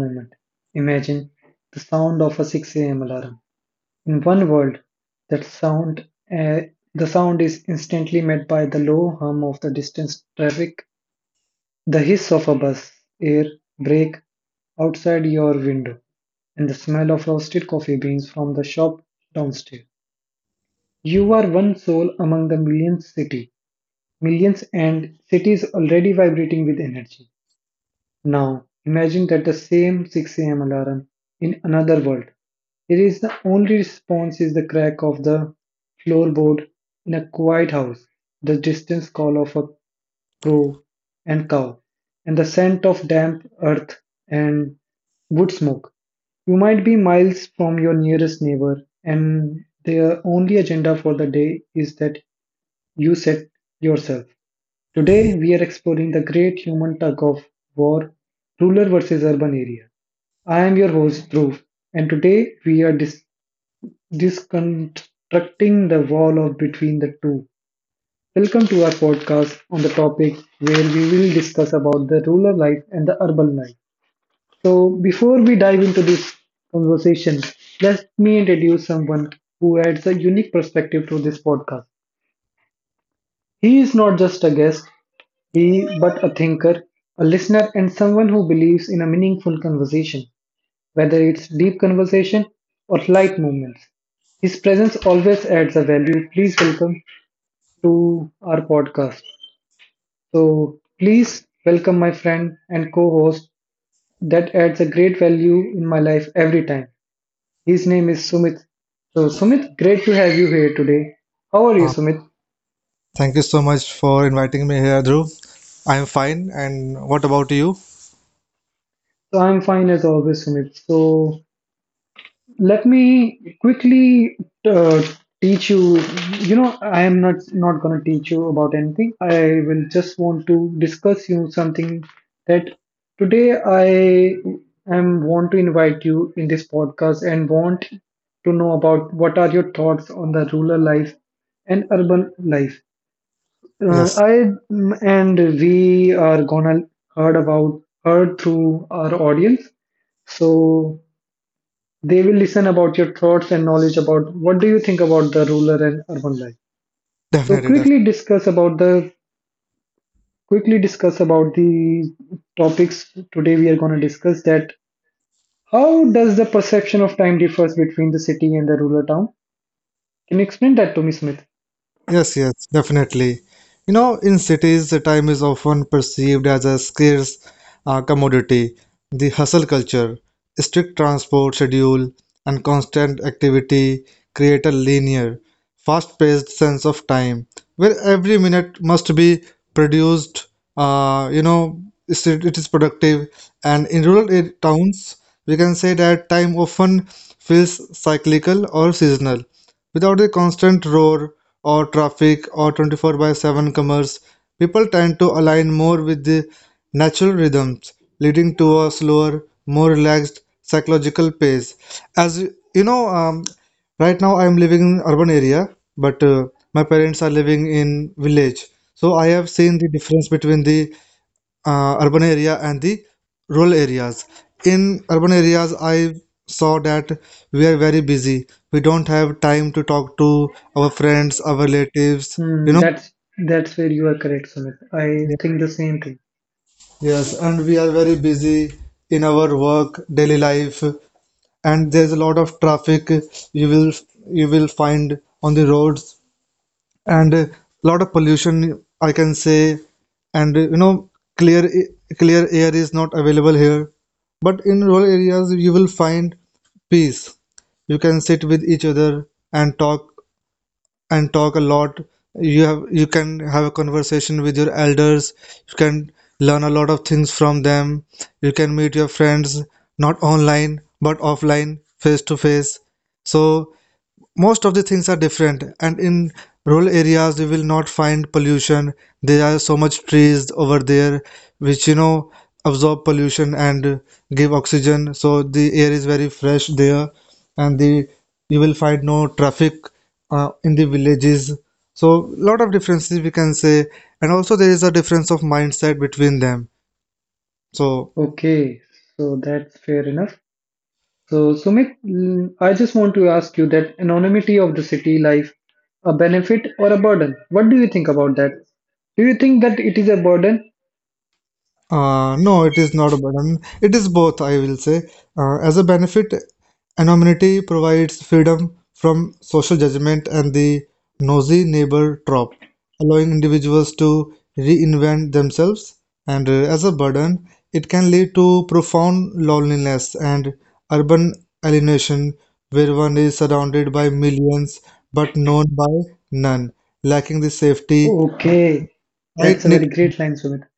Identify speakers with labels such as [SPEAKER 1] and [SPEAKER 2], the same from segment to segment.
[SPEAKER 1] moment. Imagine the sound of a 6 a.m. alarm. In one world, that sound uh, the sound is instantly met by the low hum of the distant traffic, the hiss of a bus, air, brake outside your window, and the smell of roasted coffee beans from the shop downstairs. You are one soul among the millions city, millions and cities already vibrating with energy. Now, imagine that the same 6 a.m. alarm in another world. It is the only response is the crack of the floorboard in a quiet house, the distant call of a crow and cow, and the scent of damp earth and wood smoke. You might be miles from your nearest neighbor, and their only agenda for the day is that you set yourself. Today, we are exploring the great human tug of war, rural versus urban area. I am your host, Dhruv, and today we are disconstructing the wall of between the two. Welcome to our podcast on the topic where we will discuss about the rural life and the urban life. So, before we dive into this conversation, let me introduce someone who adds a unique perspective to this podcast. He is not just a guest, but a thinker, a listener, and someone who believes in a meaningful conversation, whether it's deep conversation or light movements. His presence always adds a value. Please welcome to our podcast. So, please welcome my friend and co host that adds a great value in my life every time. His name is Sumit. So, Sumit, great to have you here today. How are you,
[SPEAKER 2] Uh,
[SPEAKER 1] Sumit?
[SPEAKER 2] thank you so much for inviting me here, Dhruv. I'm fine, and what about you?
[SPEAKER 1] So, I'm fine as always, Sumit. So, let me quickly uh, teach you, you know, I am not going to teach you about anything. I will just want to discuss you something that today I am want to invite you in this podcast and want to know about what are your thoughts on the rural life and urban life. uh,
[SPEAKER 2] Yes,
[SPEAKER 1] I mm, and we are gonna heard through our audience. So they will listen about your thoughts and knowledge about what do you think about the rural and urban life. So
[SPEAKER 2] definitely.
[SPEAKER 1] quickly discuss about the topics today we are going to discuss that how does the perception of time differs between the city and the rural town? Can you explain that to me, Smith?
[SPEAKER 2] Yes, yes, definitely. You know, in cities, the time is often perceived as a scarce commodity. The hustle culture, strict transport schedule, and constant activity create a linear, fast-paced sense of time, where every minute must be produced. You know, is it is productive, and in rural towns, we can say that time often feels cyclical or seasonal. Without the constant roar or traffic or 24 by 7 commerce, people tend to align more with the natural rhythms, leading to a slower, more relaxed psychological pace. As you know, right now I am living in urban area, but my parents are living in village. So I have seen the difference between the urban area and the rural areas. In urban areas, I saw that we are very busy. We don't have time to talk to our friends, our relatives, you
[SPEAKER 1] Hmm,
[SPEAKER 2] know.
[SPEAKER 1] that's where you are correct, Sumit. I
[SPEAKER 2] Yeah.
[SPEAKER 1] think the same thing.
[SPEAKER 2] Yes, and we are very busy in our work, daily life, and there's a lot of traffic you will you will find on the roads and a lot of pollution I can say and you know clear clear air is not available here, but in rural areas you will find peace. You can sit with each other and talk and talk a lot. You have you can have a conversation with your elders. You can learn a lot of things from them. You can meet your friends not online but offline, face to face. So most of the things are different, and in rural areas you will not find pollution. There are so much trees over there which you know absorb pollution and give oxygen. So the air is very fresh there and the you will find no traffic in the villages. So lot of differences we can say, and also there is a difference of mindset between them. So
[SPEAKER 1] Okay, so that's fair enough. So, Sumit, I just want to ask you that anonymity of the city life, a benefit or a burden? What do you think about that? Do you think that it is a burden?
[SPEAKER 2] No, it is not a burden. It is both, I will say. As a benefit, anonymity provides freedom from social judgment and the nosy neighbor trope, allowing individuals to reinvent themselves. And as a burden, it can lead to profound loneliness and urban alienation, where one is surrounded by millions but known by none, lacking the safety,
[SPEAKER 1] Okay, that's a
[SPEAKER 2] tight-knit.
[SPEAKER 1] very great line, Sumit.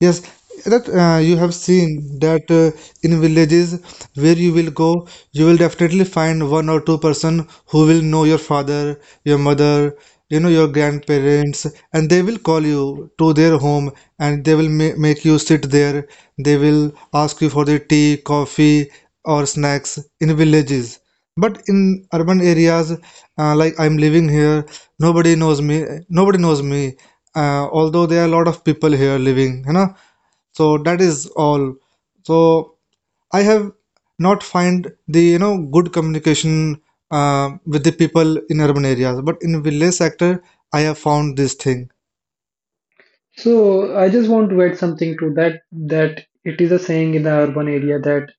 [SPEAKER 2] Yes, that you have seen that in villages where you will go, you will definitely find one or two-person who will know your father, your mother, you know, your grandparents, and they will call you to their home and they will ma make you sit there. They will ask you for the tea, coffee, or snacks in villages. But in urban areas, like I'm living here, nobody knows me. Nobody knows me although there are a lot of people here living, you know. So that is all. So I have not find the, you know, good communication with the people in urban areas, but in village sector I have found this thing.
[SPEAKER 1] So, I just want to add something to that that it is a saying in the urban area that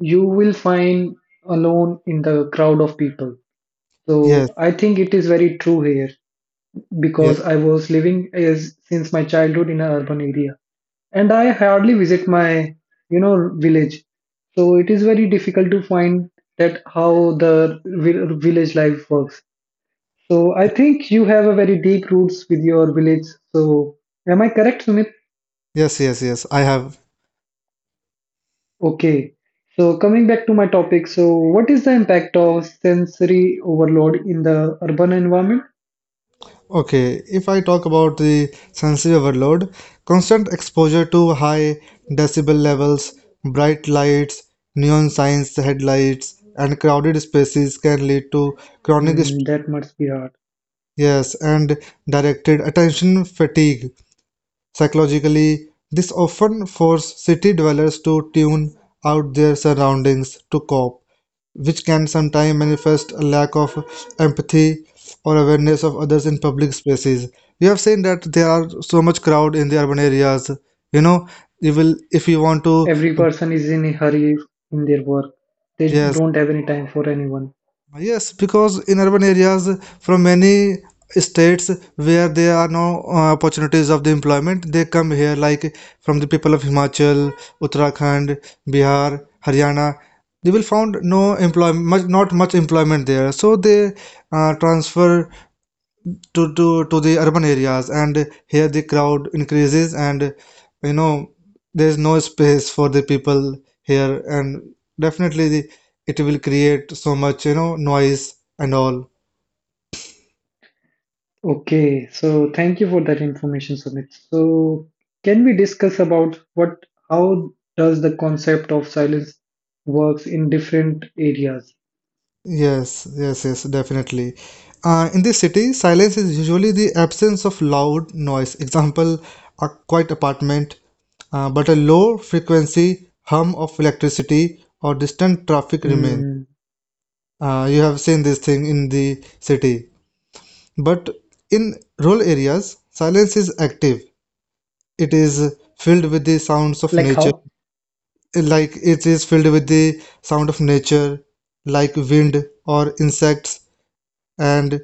[SPEAKER 1] you will find alone in the crowd of people. So,
[SPEAKER 2] Yes,
[SPEAKER 1] I think it is very true here because
[SPEAKER 2] yes,
[SPEAKER 1] I was living as since my childhood in an urban area, and I hardly visit my, you know, village. So it is very difficult to find that how the village life works. So I think you have a very deep roots with your village. So am I correct, Sumit?
[SPEAKER 2] yes, yes, yes, I have.
[SPEAKER 1] Okay. So coming back to my topic, so what is the impact of sensory overload in the urban environment?
[SPEAKER 2] Okay, if I talk about the sensory overload, constant exposure to high decibel levels, bright lights, neon signs, headlights, and crowded spaces can lead to chronic
[SPEAKER 1] Hmm,
[SPEAKER 2] stress,
[SPEAKER 1] that must be hard.
[SPEAKER 2] yes, and directed attention fatigue. Psychologically, this often forces city dwellers to tune out their surroundings to cope, which can sometimes manifest a lack of empathy or awareness of others in public spaces. We have seen that there are so much crowd in the urban areas. You know, you will, if you want to,
[SPEAKER 1] Every person is in a hurry in their work. They
[SPEAKER 2] yes.
[SPEAKER 1] don't have any time for anyone.
[SPEAKER 2] Yes, because in urban areas, from many states where there are no opportunities of the employment, they come here, like from the people of Himachal, Uttarakhand, Bihar, Haryana. They will find no employment, much, not much employment there. So they transfer to, to the urban areas, and here the crowd increases and you know there's no space for the people here, and definitely the, it will create so much, you know, noise and all.
[SPEAKER 1] Okay, so thank you for that information, Sumit. So can we discuss about what how does the concept of silence works in different areas?
[SPEAKER 2] Yes yes, yes, definitely. In the city silence is usually the absence of loud noise, example a quiet apartment, but a low frequency hum of electricity or distant traffic remains.
[SPEAKER 1] Hmm,
[SPEAKER 2] You have seen this thing in the city. But in rural areas, silence is active. It is filled with the sounds of
[SPEAKER 1] like
[SPEAKER 2] nature,
[SPEAKER 1] how?
[SPEAKER 2] like it is filled with the sound of nature, like wind or insects, and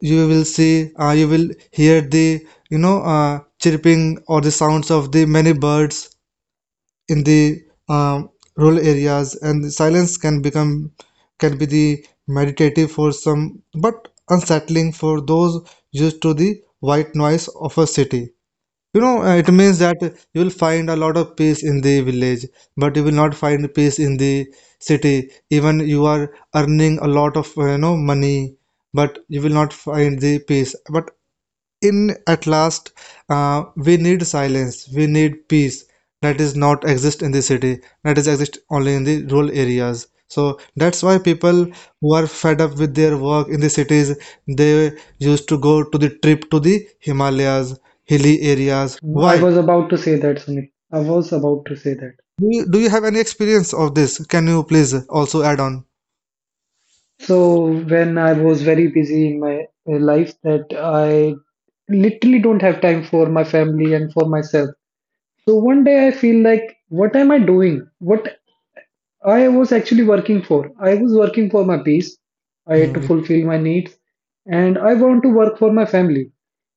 [SPEAKER 2] you will see, you will hear the, you know, chirping or the sounds of the many birds in the um, rural areas, and the silence can become can be the meditative for some but unsettling for those used to the white noise of a city, you know. It means that you will find a lot of peace in the village, but you will not find peace in the city even you are earning a lot of you know money, but you will not find the peace. But in at last we need silence, we need peace, that is not exist in the city, that is exist only in the rural areas. So that's why people who are fed up with their work in the cities, they used to go to the trip to the Himalayas, hilly areas. Why
[SPEAKER 1] I was about to say that, Sumit. I was about to say that.
[SPEAKER 2] do you have any experience of this? Can you please also add on?
[SPEAKER 1] So when I was very busy in my life that I literally don't have time for my family and for myself. So one day I feel like, what am I doing? What I was actually working for. I was working for my peace. I had to
[SPEAKER 2] Mm,
[SPEAKER 1] fulfill my needs and I want to work for my family.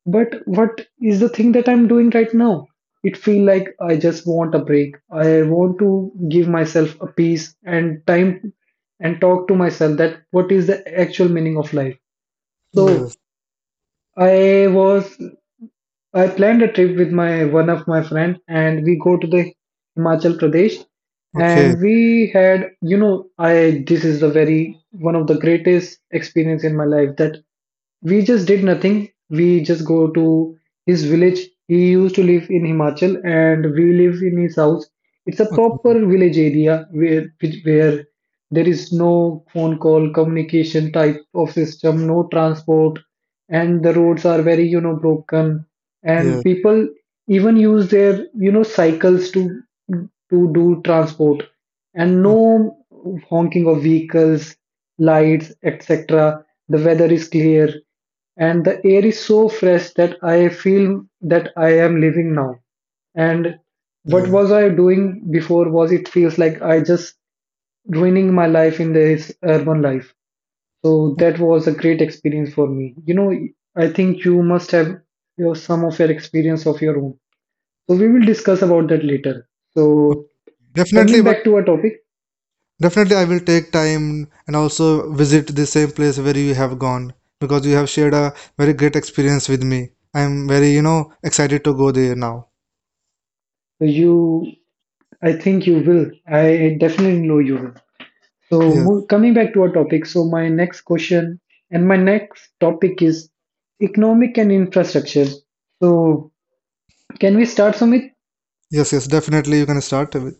[SPEAKER 1] But what is the thing that I'm doing right now? It feel like I just want a break. I want to give myself a peace and time and talk to myself that what is the actual meaning of life.
[SPEAKER 2] yes.
[SPEAKER 1] So I was I planned a trip with my one of my friend and we go to the Himachal Pradesh,
[SPEAKER 2] Okay,
[SPEAKER 1] and we had, you know, I this is the very one of the greatest experience in my life that we just did nothing. We just go to his village. He used to live in Himachal and we live in his house. It's a proper
[SPEAKER 2] okay,
[SPEAKER 1] village area where where there is no phone call communication type of system, no transport, and the roads are very, you know, broken, and
[SPEAKER 2] yes,
[SPEAKER 1] people even use their, you know, cycles to do transport, and no honking of vehicles, lights, etc. The weather is clear and the air is so fresh that I feel that I am living now, and what
[SPEAKER 2] okay,
[SPEAKER 1] was I doing before? Was it feels like I just ruining my life in this urban life. So that was a great experience for me. You know, I think you must have your some of your experience of your own. So we will discuss about that later. So
[SPEAKER 2] definitely,
[SPEAKER 1] coming
[SPEAKER 2] but
[SPEAKER 1] back to our topic,
[SPEAKER 2] definitely, I will take time and also visit the same place where you have gone because you have shared a very great experience with me. I am very, you know, excited to go there now.
[SPEAKER 1] so you, I think you will. I definitely know you will. So mo-
[SPEAKER 2] Yes,
[SPEAKER 1] coming back to our topic, so my next question and my next topic is economic and infrastructure. So can we start, Sumit?
[SPEAKER 2] yes, yes, definitely you can start with.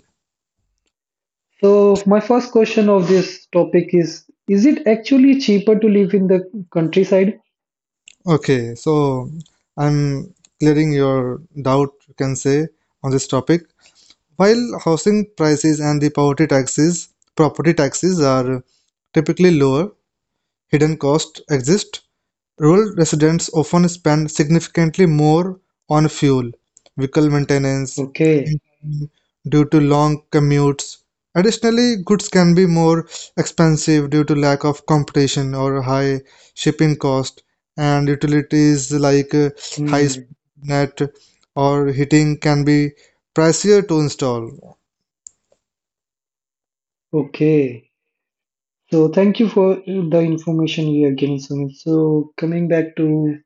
[SPEAKER 1] So my first question of this topic is it actually cheaper to live in the countryside?
[SPEAKER 2] Okay, so I'm clearing your doubt, you can say, on this topic. While housing prices and the property taxes are typically lower, hidden costs exist. Rural residents often spend significantly more on fuel, vehicle maintenance, and
[SPEAKER 1] Okay.
[SPEAKER 2] time due to long commutes. Additionally, goods can be more expensive due to lack of competition or high shipping cost, and utilities like
[SPEAKER 1] Hmm.
[SPEAKER 2] high-speed net or heating can be pricier to install.
[SPEAKER 1] Okay. So thank you for the information you have given, Sumit. So coming back to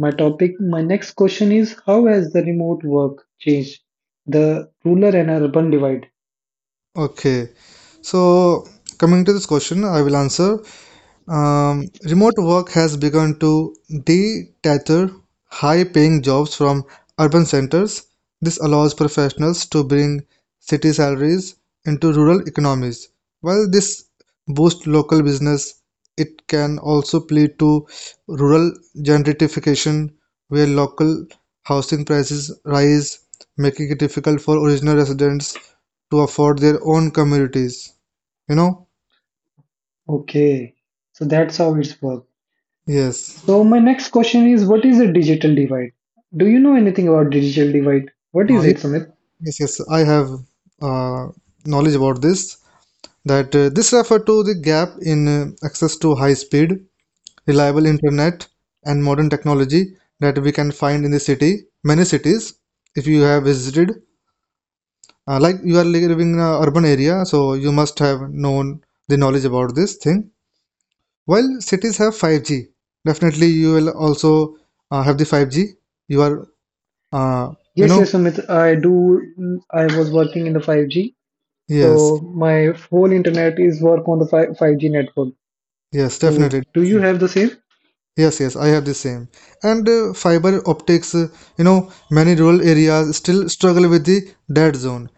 [SPEAKER 1] my topic, my next question is how has the remote work changed the rural and urban divide?
[SPEAKER 2] Okay, so coming to this question, I will answer. Remote work has begun to detach high-paying jobs from urban centers. This allows professionals to bring city salaries into rural economies. While this boosts local business, it can also lead to rural gentrification, where local housing prices rise, making it difficult for original residents to afford their own communities. You know?
[SPEAKER 1] Okay. So that's how it's worked.
[SPEAKER 2] Yes.
[SPEAKER 1] So my next question is what is a digital divide? Do you know anything about digital divide? What
[SPEAKER 2] Uh,
[SPEAKER 1] is it, Sumit?
[SPEAKER 2] Yes, yes, I have uh, knowledge about this. That this refer to the gap in access to high speed, reliable internet, and modern technology that we can find in the city, many cities. If you have visited, like you are living in an urban area, so you must have known the knowledge about this thing. While cities have 5G, definitely you will also have the 5G. You are, uh, you
[SPEAKER 1] Yes,
[SPEAKER 2] know,
[SPEAKER 1] yes, Sumit. I do. I was working in the 5G, so
[SPEAKER 2] yes,
[SPEAKER 1] my whole internet is work on the 5G network.
[SPEAKER 2] yes,
[SPEAKER 1] So,
[SPEAKER 2] definitely.
[SPEAKER 1] do you have the same?
[SPEAKER 2] Yes, yes, I have the same. And fiber optics, you know, many rural areas still struggle with the dead zone,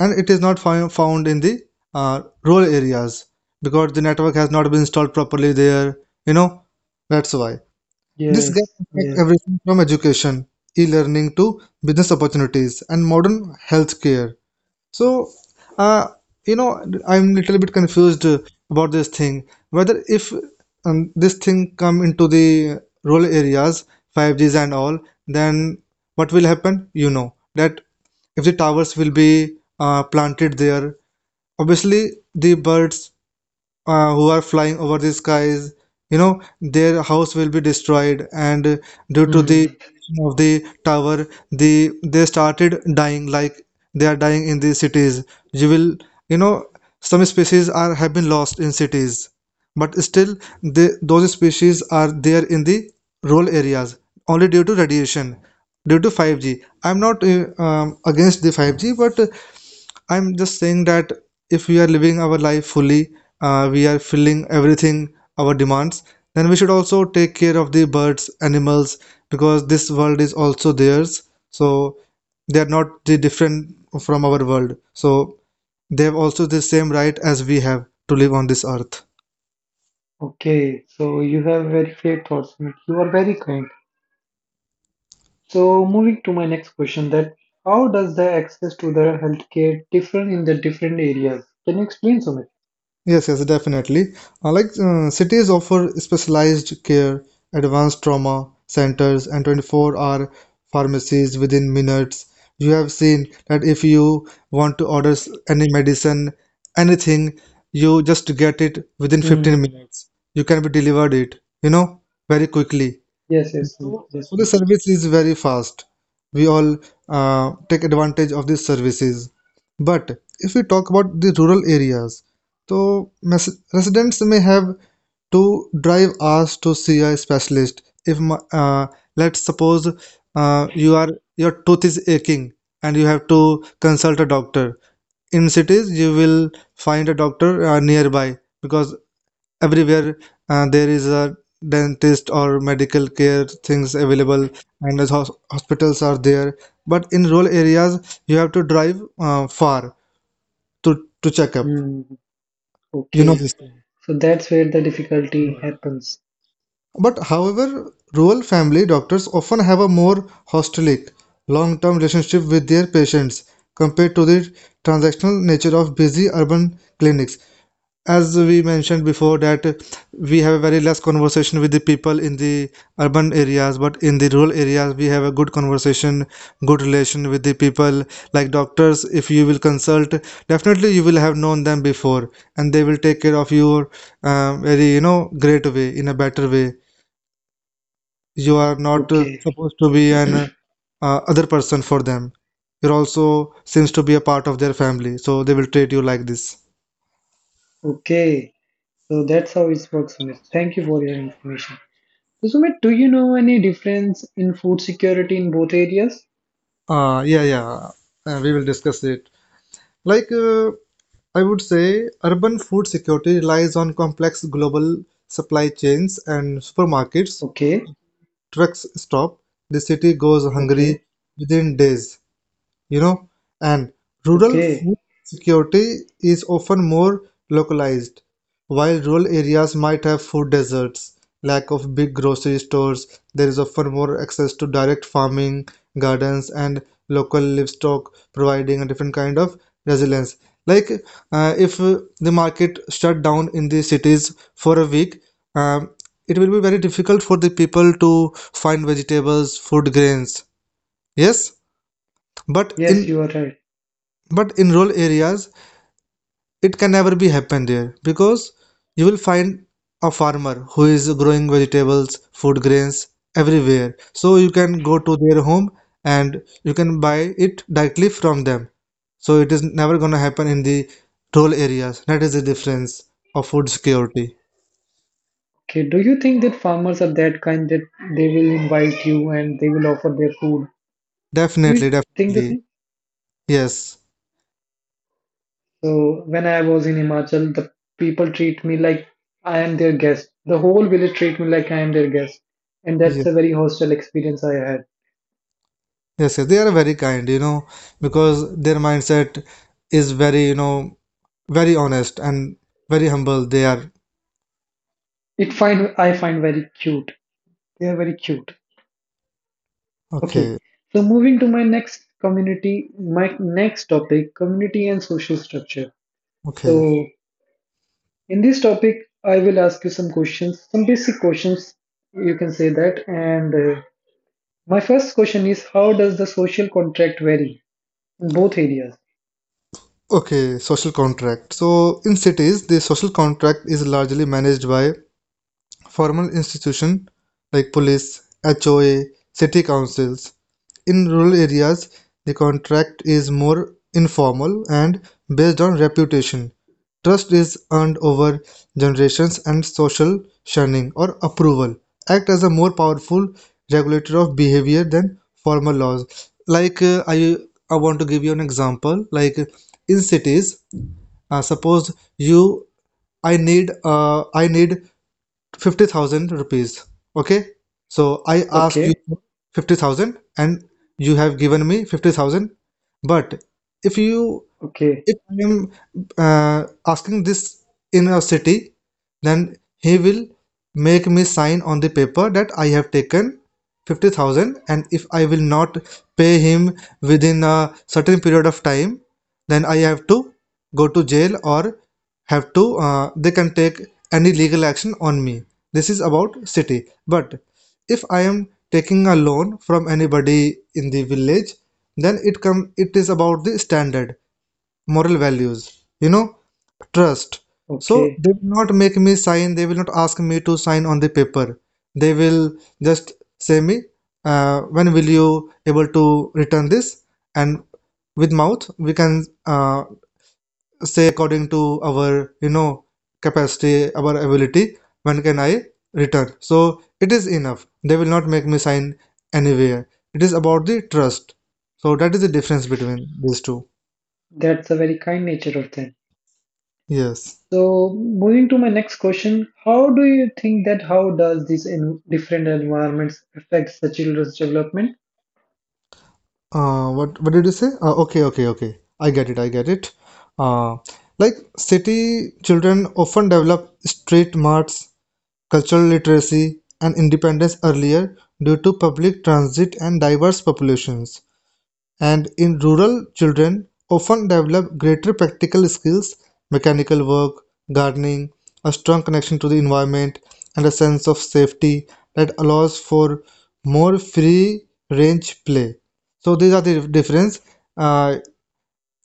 [SPEAKER 2] and it is not found in the rural areas because the network has not been installed properly there. You know, that's why. This gap
[SPEAKER 1] Yes,
[SPEAKER 2] affects
[SPEAKER 1] yes.
[SPEAKER 2] everything from education, e-learning to business opportunities and modern healthcare. So, uh, you know, I'm little bit confused about this thing. Whether if this thing come into the rural areas, 5Gs and all, then what will happen? You know that if the towers will be planted there, obviously the birds who are flying over the skies, you know, their house will be destroyed, and due to the
[SPEAKER 1] Hmm.
[SPEAKER 2] radiation of the tower the they started dying like they are dying in the cities. You will, you know, some species are have been lost in cities, but still the, those species are there in the rural areas only. Due to radiation, due to 5G, I'm not against the 5G, but I'm just saying that if we are living our life fully, we are filling everything, our demands, then we should also take care of the birds, animals, because this world is also theirs. So they are not the different from our world. So they have also the same right as we have to live on this earth.
[SPEAKER 1] Okay, so you have very fair thoughts, Sumit. You are very kind. So, moving to my next question, that how does the access to the healthcare differ in the different areas? Can you explain, Sumit?
[SPEAKER 2] Yes, yes, definitely. Like cities offer specialized care, advanced trauma centers, and 24-hour pharmacies within minutes. You have seen that if you want to order any medicine, anything, you just get it within
[SPEAKER 1] Hmm.
[SPEAKER 2] 15 minutes. You can be delivered it, you know, very quickly.
[SPEAKER 1] Yes, yes, Sumit, yes.
[SPEAKER 2] So, the
[SPEAKER 1] Sumit.
[SPEAKER 2] service is very fast. We all take advantage of these services. But if we talk about the rural areas, so residents may have to drive hours to see a specialist. If let's suppose you are your tooth is aching and you have to consult a doctor. In cities, you will find a doctor nearby because everywhere there is a dentist or medical care things available and as hospitals are there, but in rural areas you have to drive far to to check up
[SPEAKER 1] Hmm. Okay,
[SPEAKER 2] this thing.
[SPEAKER 1] so that's where the difficulty happens.
[SPEAKER 2] But however, rural family doctors often have a more hostilic, long-term relationship with their patients compared to the transactional nature of busy urban clinics. As we mentioned before, that we have a very less conversation with the people in the urban areas, but in the rural areas we have a good conversation, good relation with the people. Like doctors, if you will consult, definitely you will have known them before and they will take care of you very great way, in a better way. You are not
[SPEAKER 1] Okay,
[SPEAKER 2] supposed to be an other person for them. You're also seems to be a part of their family, so they will treat you like this.
[SPEAKER 1] okay. So that's how it works, Sumit. Thank you for your information. So, Sumit, do you know any difference in food security in both areas?
[SPEAKER 2] Yeah, yeah. We will discuss it. Like I would say, urban food security relies on complex global supply chains and supermarkets.
[SPEAKER 1] Okay,
[SPEAKER 2] Trucks stop, the city goes hungry
[SPEAKER 1] okay,
[SPEAKER 2] within days, you know and rural
[SPEAKER 1] okay.
[SPEAKER 2] food security is often more localized. While rural areas might have food deserts, lack of big grocery stores, there is often more access to direct farming, gardens, and local livestock, providing a different kind of resilience. Like if the market shut down in the cities for a week, um, it will be very difficult for the people to find vegetables, food grains. Yes, but
[SPEAKER 1] Yes,
[SPEAKER 2] in
[SPEAKER 1] you are right.
[SPEAKER 2] but in rural areas it can never be happen there, because you will find a farmer who is growing vegetables, food grains everywhere. So you can go to their home and you can buy it directly from them. So it is never going to happen in the rural areas. That is the difference of food security.
[SPEAKER 1] Okay, do you think that farmers are that kind that they will invite you and they will offer their food? Do you
[SPEAKER 2] Definitely,
[SPEAKER 1] think the
[SPEAKER 2] definitely.
[SPEAKER 1] same?
[SPEAKER 2] Yes,
[SPEAKER 1] So when I was in Himachal, the people treat me like I am their guest. The whole village treat me like I am their guest, and that's
[SPEAKER 2] yes,
[SPEAKER 1] a very hostile experience I had.
[SPEAKER 2] yes, yes. They are very kind, because their mindset is very, very honest and very humble, they are.
[SPEAKER 1] It find I find very cute. They are very cute. Okay,
[SPEAKER 2] Okay,
[SPEAKER 1] so moving to my next topic, community and social structure.
[SPEAKER 2] okay,
[SPEAKER 1] So in this topic, I will ask you some questions, some basic questions, you can say that. And my first question is how does the social contract vary in both areas?
[SPEAKER 2] okay. Social contract. So in cities, the social contract is largely managed by formal institutions like police, HOA, city councils. In rural areas, the contract is more informal and based on reputation. Trust is earned over generations, and social shunning or approval act as a more powerful regulator of behavior than formal laws. Like I want to give you an example. Like in cities, suppose you I need 50,000 rupees. Okay, so I ask you
[SPEAKER 1] Okay,
[SPEAKER 2] for 50,000, and you have given me 50,000. But if you
[SPEAKER 1] okay,
[SPEAKER 2] if I am asking this in a city, then he will make me sign on the paper that I have taken 50,000, and if I will not pay him within a certain period of time, then I have to go to jail or have to, they can take any legal action on me. This is about city. But if I am taking a loan from anybody in the village, then it is about the standard moral values, trust. So
[SPEAKER 1] okay.
[SPEAKER 2] they will not make me sign, they will not ask me to sign on the paper. They will just say me, when will you able to return this? And with mouth, we can say according to our, capacity, our ability, when can I return? So it is enough. They will not make me sign anywhere. It is about the trust. So that is the difference between these two.
[SPEAKER 1] That's a very kind nature of them.
[SPEAKER 2] Yes.
[SPEAKER 1] So, moving to my next question, how do you think that how does these in different environments affect the children's development?
[SPEAKER 2] What did you say? Okay, okay, okay. I get it. I get it. Uh, like city children often develop street smarts, cultural literacy, and independence earlier due to public transit and diverse populations. And in rural, children often develop greater practical skills, mechanical work, gardening, a strong connection to the environment, and a sense of safety that allows for more free range play. So these are the difference. Uh,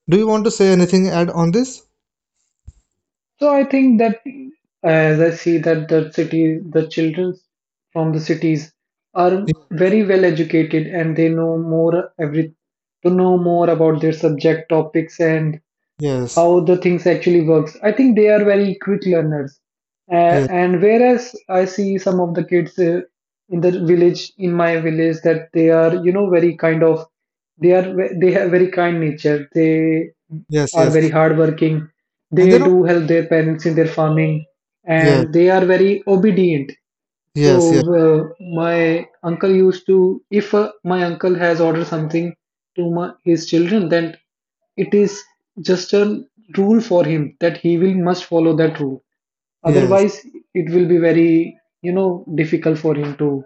[SPEAKER 2] do you want to say anything add on this?
[SPEAKER 1] So I think that as I see that the city, the children from the cities are very well educated and they know more every to know more about their subject topics and
[SPEAKER 2] Yes,
[SPEAKER 1] how the things actually works. I think they are very quick learners,
[SPEAKER 2] yes,
[SPEAKER 1] and whereas I see some of the kids in the village, in my village, that they are, you know, very kind of, they are they have very kind nature. They
[SPEAKER 2] yes,
[SPEAKER 1] are
[SPEAKER 2] yes.
[SPEAKER 1] very hardworking.
[SPEAKER 2] And,
[SPEAKER 1] They do help their parents in their farming
[SPEAKER 2] yeah,
[SPEAKER 1] and they are very obedient. So
[SPEAKER 2] yes, yes,
[SPEAKER 1] my uncle used to, if my uncle has ordered something to his children, then it is just a rule for him that he will must follow that rule.
[SPEAKER 2] yes,
[SPEAKER 1] Otherwise, it will be very, you know, difficult for him to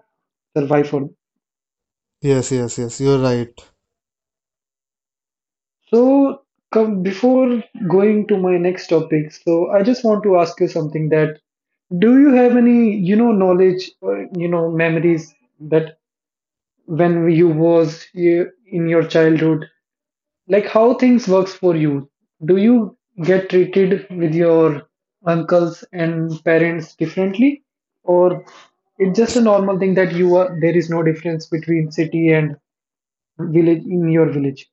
[SPEAKER 1] survive for.
[SPEAKER 2] yes, yes, yes. You're right.
[SPEAKER 1] So come before going to my next topic, so I just want to ask you something. That do you have any knowledge or memories that when you was in your childhood, like how things works for you? Do you get treated with your uncles and parents differently, or it's just a normal thing that you are, there is no difference between city and village in your village?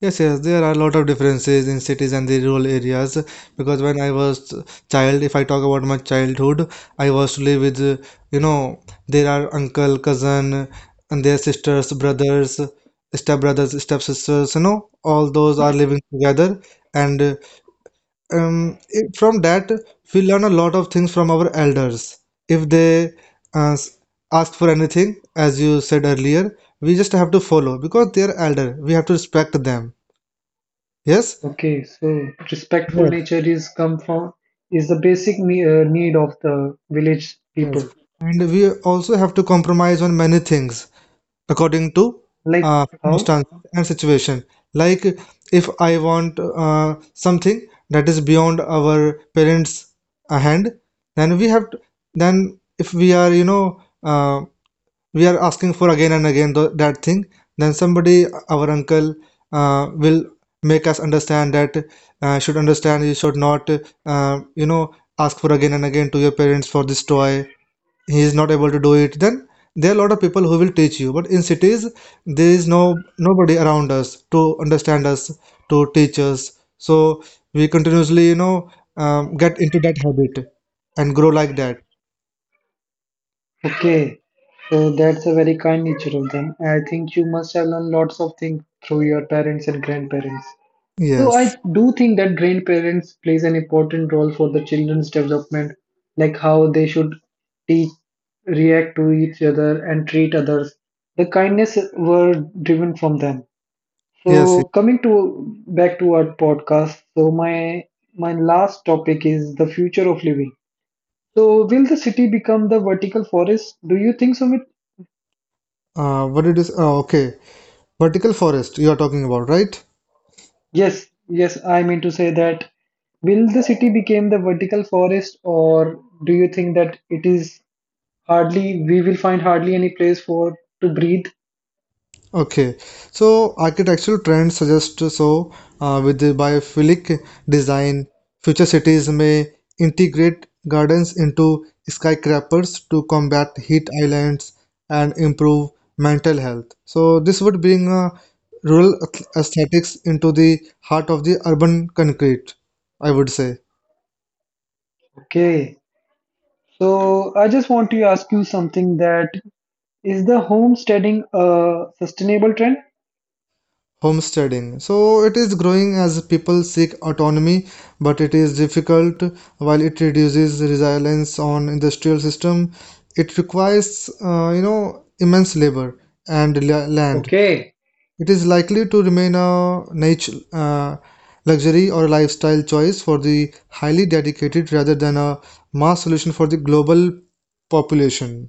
[SPEAKER 2] Yes, yes, there are a lot of differences in cities and the rural areas. Because when I was child, if I talk about my childhood, I was to live with, you know, there are uncle, cousin, and their sisters, brothers, step sisters, all those are living together, and from that we learn a lot of things from our elders. If they uh, s- ask for anything, as you said earlier, we just have to follow because they are elder. We have to respect them. Yes,
[SPEAKER 1] Okay, so respectful
[SPEAKER 2] yes,
[SPEAKER 1] nature is come from, is the basic need of the village
[SPEAKER 2] yes.
[SPEAKER 1] people,
[SPEAKER 2] And we also have to compromise on many things according to
[SPEAKER 1] like how.
[SPEAKER 2] circumstances and situation. Like if I want something that is beyond our parents' hand, then we have to, then if we are, we are asking for again and again th that thing, then somebody, our uncle, will make us understand that should understand you should not, uh, you know, ask for again and again to your parents for this toy. He is not able to do it. Then there are a lot of people who will teach you. But in cities there is no nobody around us to understand us, to teach us, so we continuously, get into that habit and grow like that.
[SPEAKER 1] Okay, so that's a very kind nature of them. I think you must have learned lots of things through your parents and grandparents. So
[SPEAKER 2] Yes,
[SPEAKER 1] I do think that grandparents plays an important role for the children's development, like how they should teach, react to each other and treat others. The kindness were driven from them.
[SPEAKER 2] yes,
[SPEAKER 1] So
[SPEAKER 2] yes.
[SPEAKER 1] coming to back to our podcast, so my last topic is the future of living. So will the city become the vertical forest? Do you think so?
[SPEAKER 2] What it is Okay, vertical forest you are talking about, right?
[SPEAKER 1] Yes, yes, I mean to say that will the city become the vertical forest, or do you think that it is hardly, we will find hardly any place for to breathe?
[SPEAKER 2] Okay, so architectural trends suggest. So with the biophilic design, future cities may integrate gardens into skyscrapers to combat heat islands and improve mental health. So this would bring rural aesthetics into the heart of the urban concrete, I would say.
[SPEAKER 1] Okay, so I just want to ask you something, that is the homesteading a sustainable trend?
[SPEAKER 2] Homesteading. So it is growing as people seek autonomy, but it is difficult. While it reduces reliance on industrial system, it requires immense labor and land.
[SPEAKER 1] Okay,
[SPEAKER 2] It is likely to remain a niche luxury or lifestyle choice for the highly dedicated rather than a mass solution for the global population.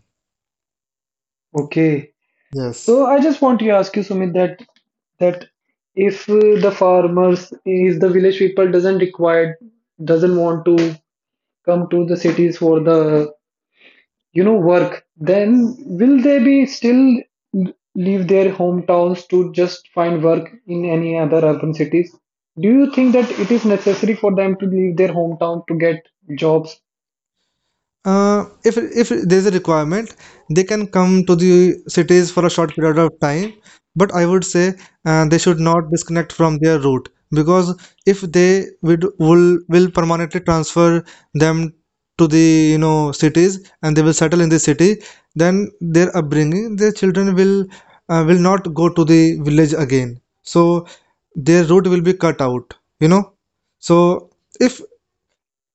[SPEAKER 1] okay.
[SPEAKER 2] Yes.
[SPEAKER 1] So I just want to ask you, Sumit, that that if the farmers, if the village people doesn't require, doesn't want to come to the cities for the work, then will they be still leave their hometowns to just find work in any other urban cities? Do you think that it is necessary for them to leave their hometown to get jobs?
[SPEAKER 2] If there's a requirement, they can come to the cities for a short period of time. But I would say they should not disconnect from their route, because if they would will permanently transfer them to the, cities and they will settle in the city, then their upbringing, their children will will not go to the village again. So their route will be cut out. So if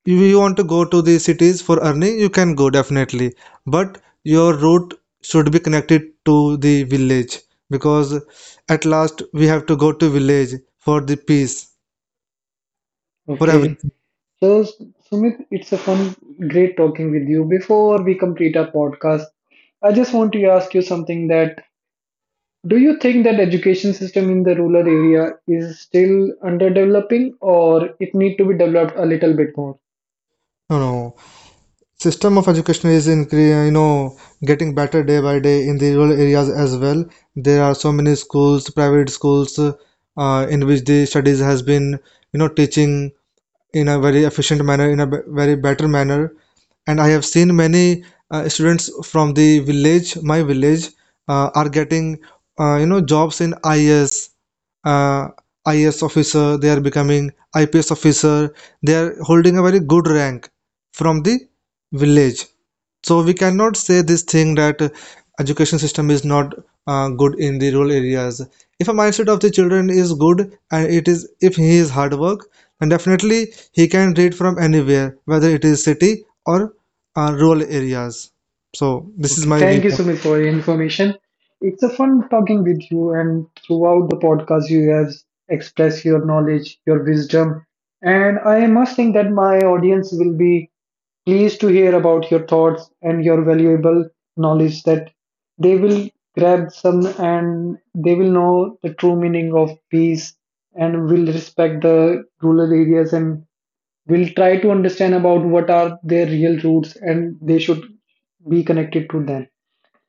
[SPEAKER 2] if you want to go to the cities for earning, you can go definitely, but your route should be connected to the village, because at last we have to go to village for the peace, for
[SPEAKER 1] Okay,
[SPEAKER 2] everything.
[SPEAKER 1] so Sumit, it's a fun great talking with you. Before we complete our podcast, I just want to ask you something, that do you think that education system in the rural area is still underdeveloping, or it need to be developed a little bit more?
[SPEAKER 2] No, no. System of education is incre, getting better day by day in the rural areas as well. There are so many schools, private schools, in which the studies has been, teaching in a very efficient manner, in a very better manner. And I have seen many students from the village, my village, are getting jobs. In uh, is officer, they are becoming IPS officer, they are holding a very good rank from the village. So we cannot say this thing that education system is not good in the rural areas. If a mindset of the children is good, and it is if he is hard work, then definitely he can read from anywhere, whether it is city or rural areas. So this is
[SPEAKER 1] Okay,
[SPEAKER 2] my
[SPEAKER 1] thank you,
[SPEAKER 2] viewpoint.
[SPEAKER 1] Sumit, for your information. It's a fun talking with you, and throughout the podcast, you have expressed your knowledge, your wisdom, and I must think that my audience will be pleased to hear about your thoughts and your valuable knowledge, that they will grab some and they will know the true meaning of peace and will respect the rural areas, and we'll try to understand about what are their real roots and they should be connected to them.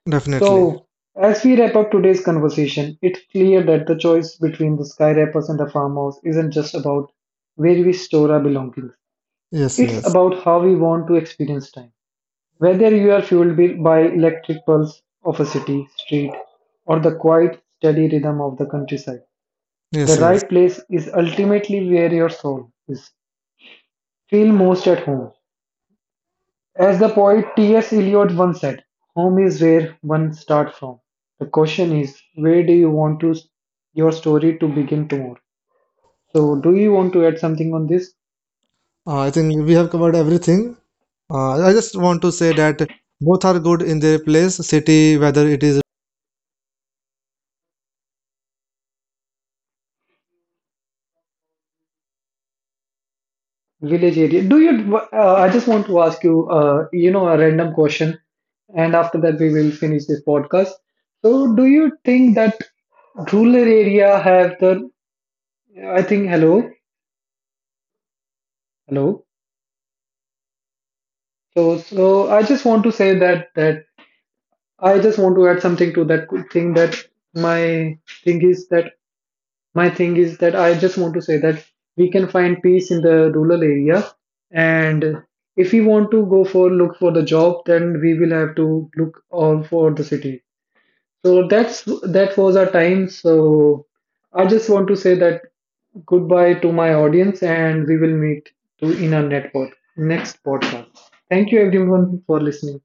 [SPEAKER 2] Definitely.
[SPEAKER 1] So, as we wrap up today's conversation, it's clear that the choice between the sky wrappers and the farmhouse isn't just about where we store our belongings.
[SPEAKER 2] Yes,
[SPEAKER 1] It's
[SPEAKER 2] yes,
[SPEAKER 1] about how we want to experience time. Whether you are fueled by electric pulse of a city street or the quiet, steady rhythm of the countryside, the
[SPEAKER 2] yes, yes.
[SPEAKER 1] right place is ultimately where your soul is. Feel most at home. As the poet T.S. Eliot once said, home is where one starts from. The question is, where do you want to your story to begin tomorrow? So, do you want to add something on this
[SPEAKER 2] I think we have covered everything. I just want to say that both are good in their place. City, whether it is
[SPEAKER 1] village area? Do you? I just want to ask you, a random question, and after that we will finish this podcast. So, do you think that rural area have the? I think hello, hello. So, I just want to say that I just want to add something to that thing, that my thing is that my thing is that I just want to say that we can find peace in the rural area, and if we want to go for look for the job, then we will have to look all for the city. So that's, that was our time. So I just want to say that goodbye to my audience, and we will meet to in our network next podcast. Thank you everyone for listening.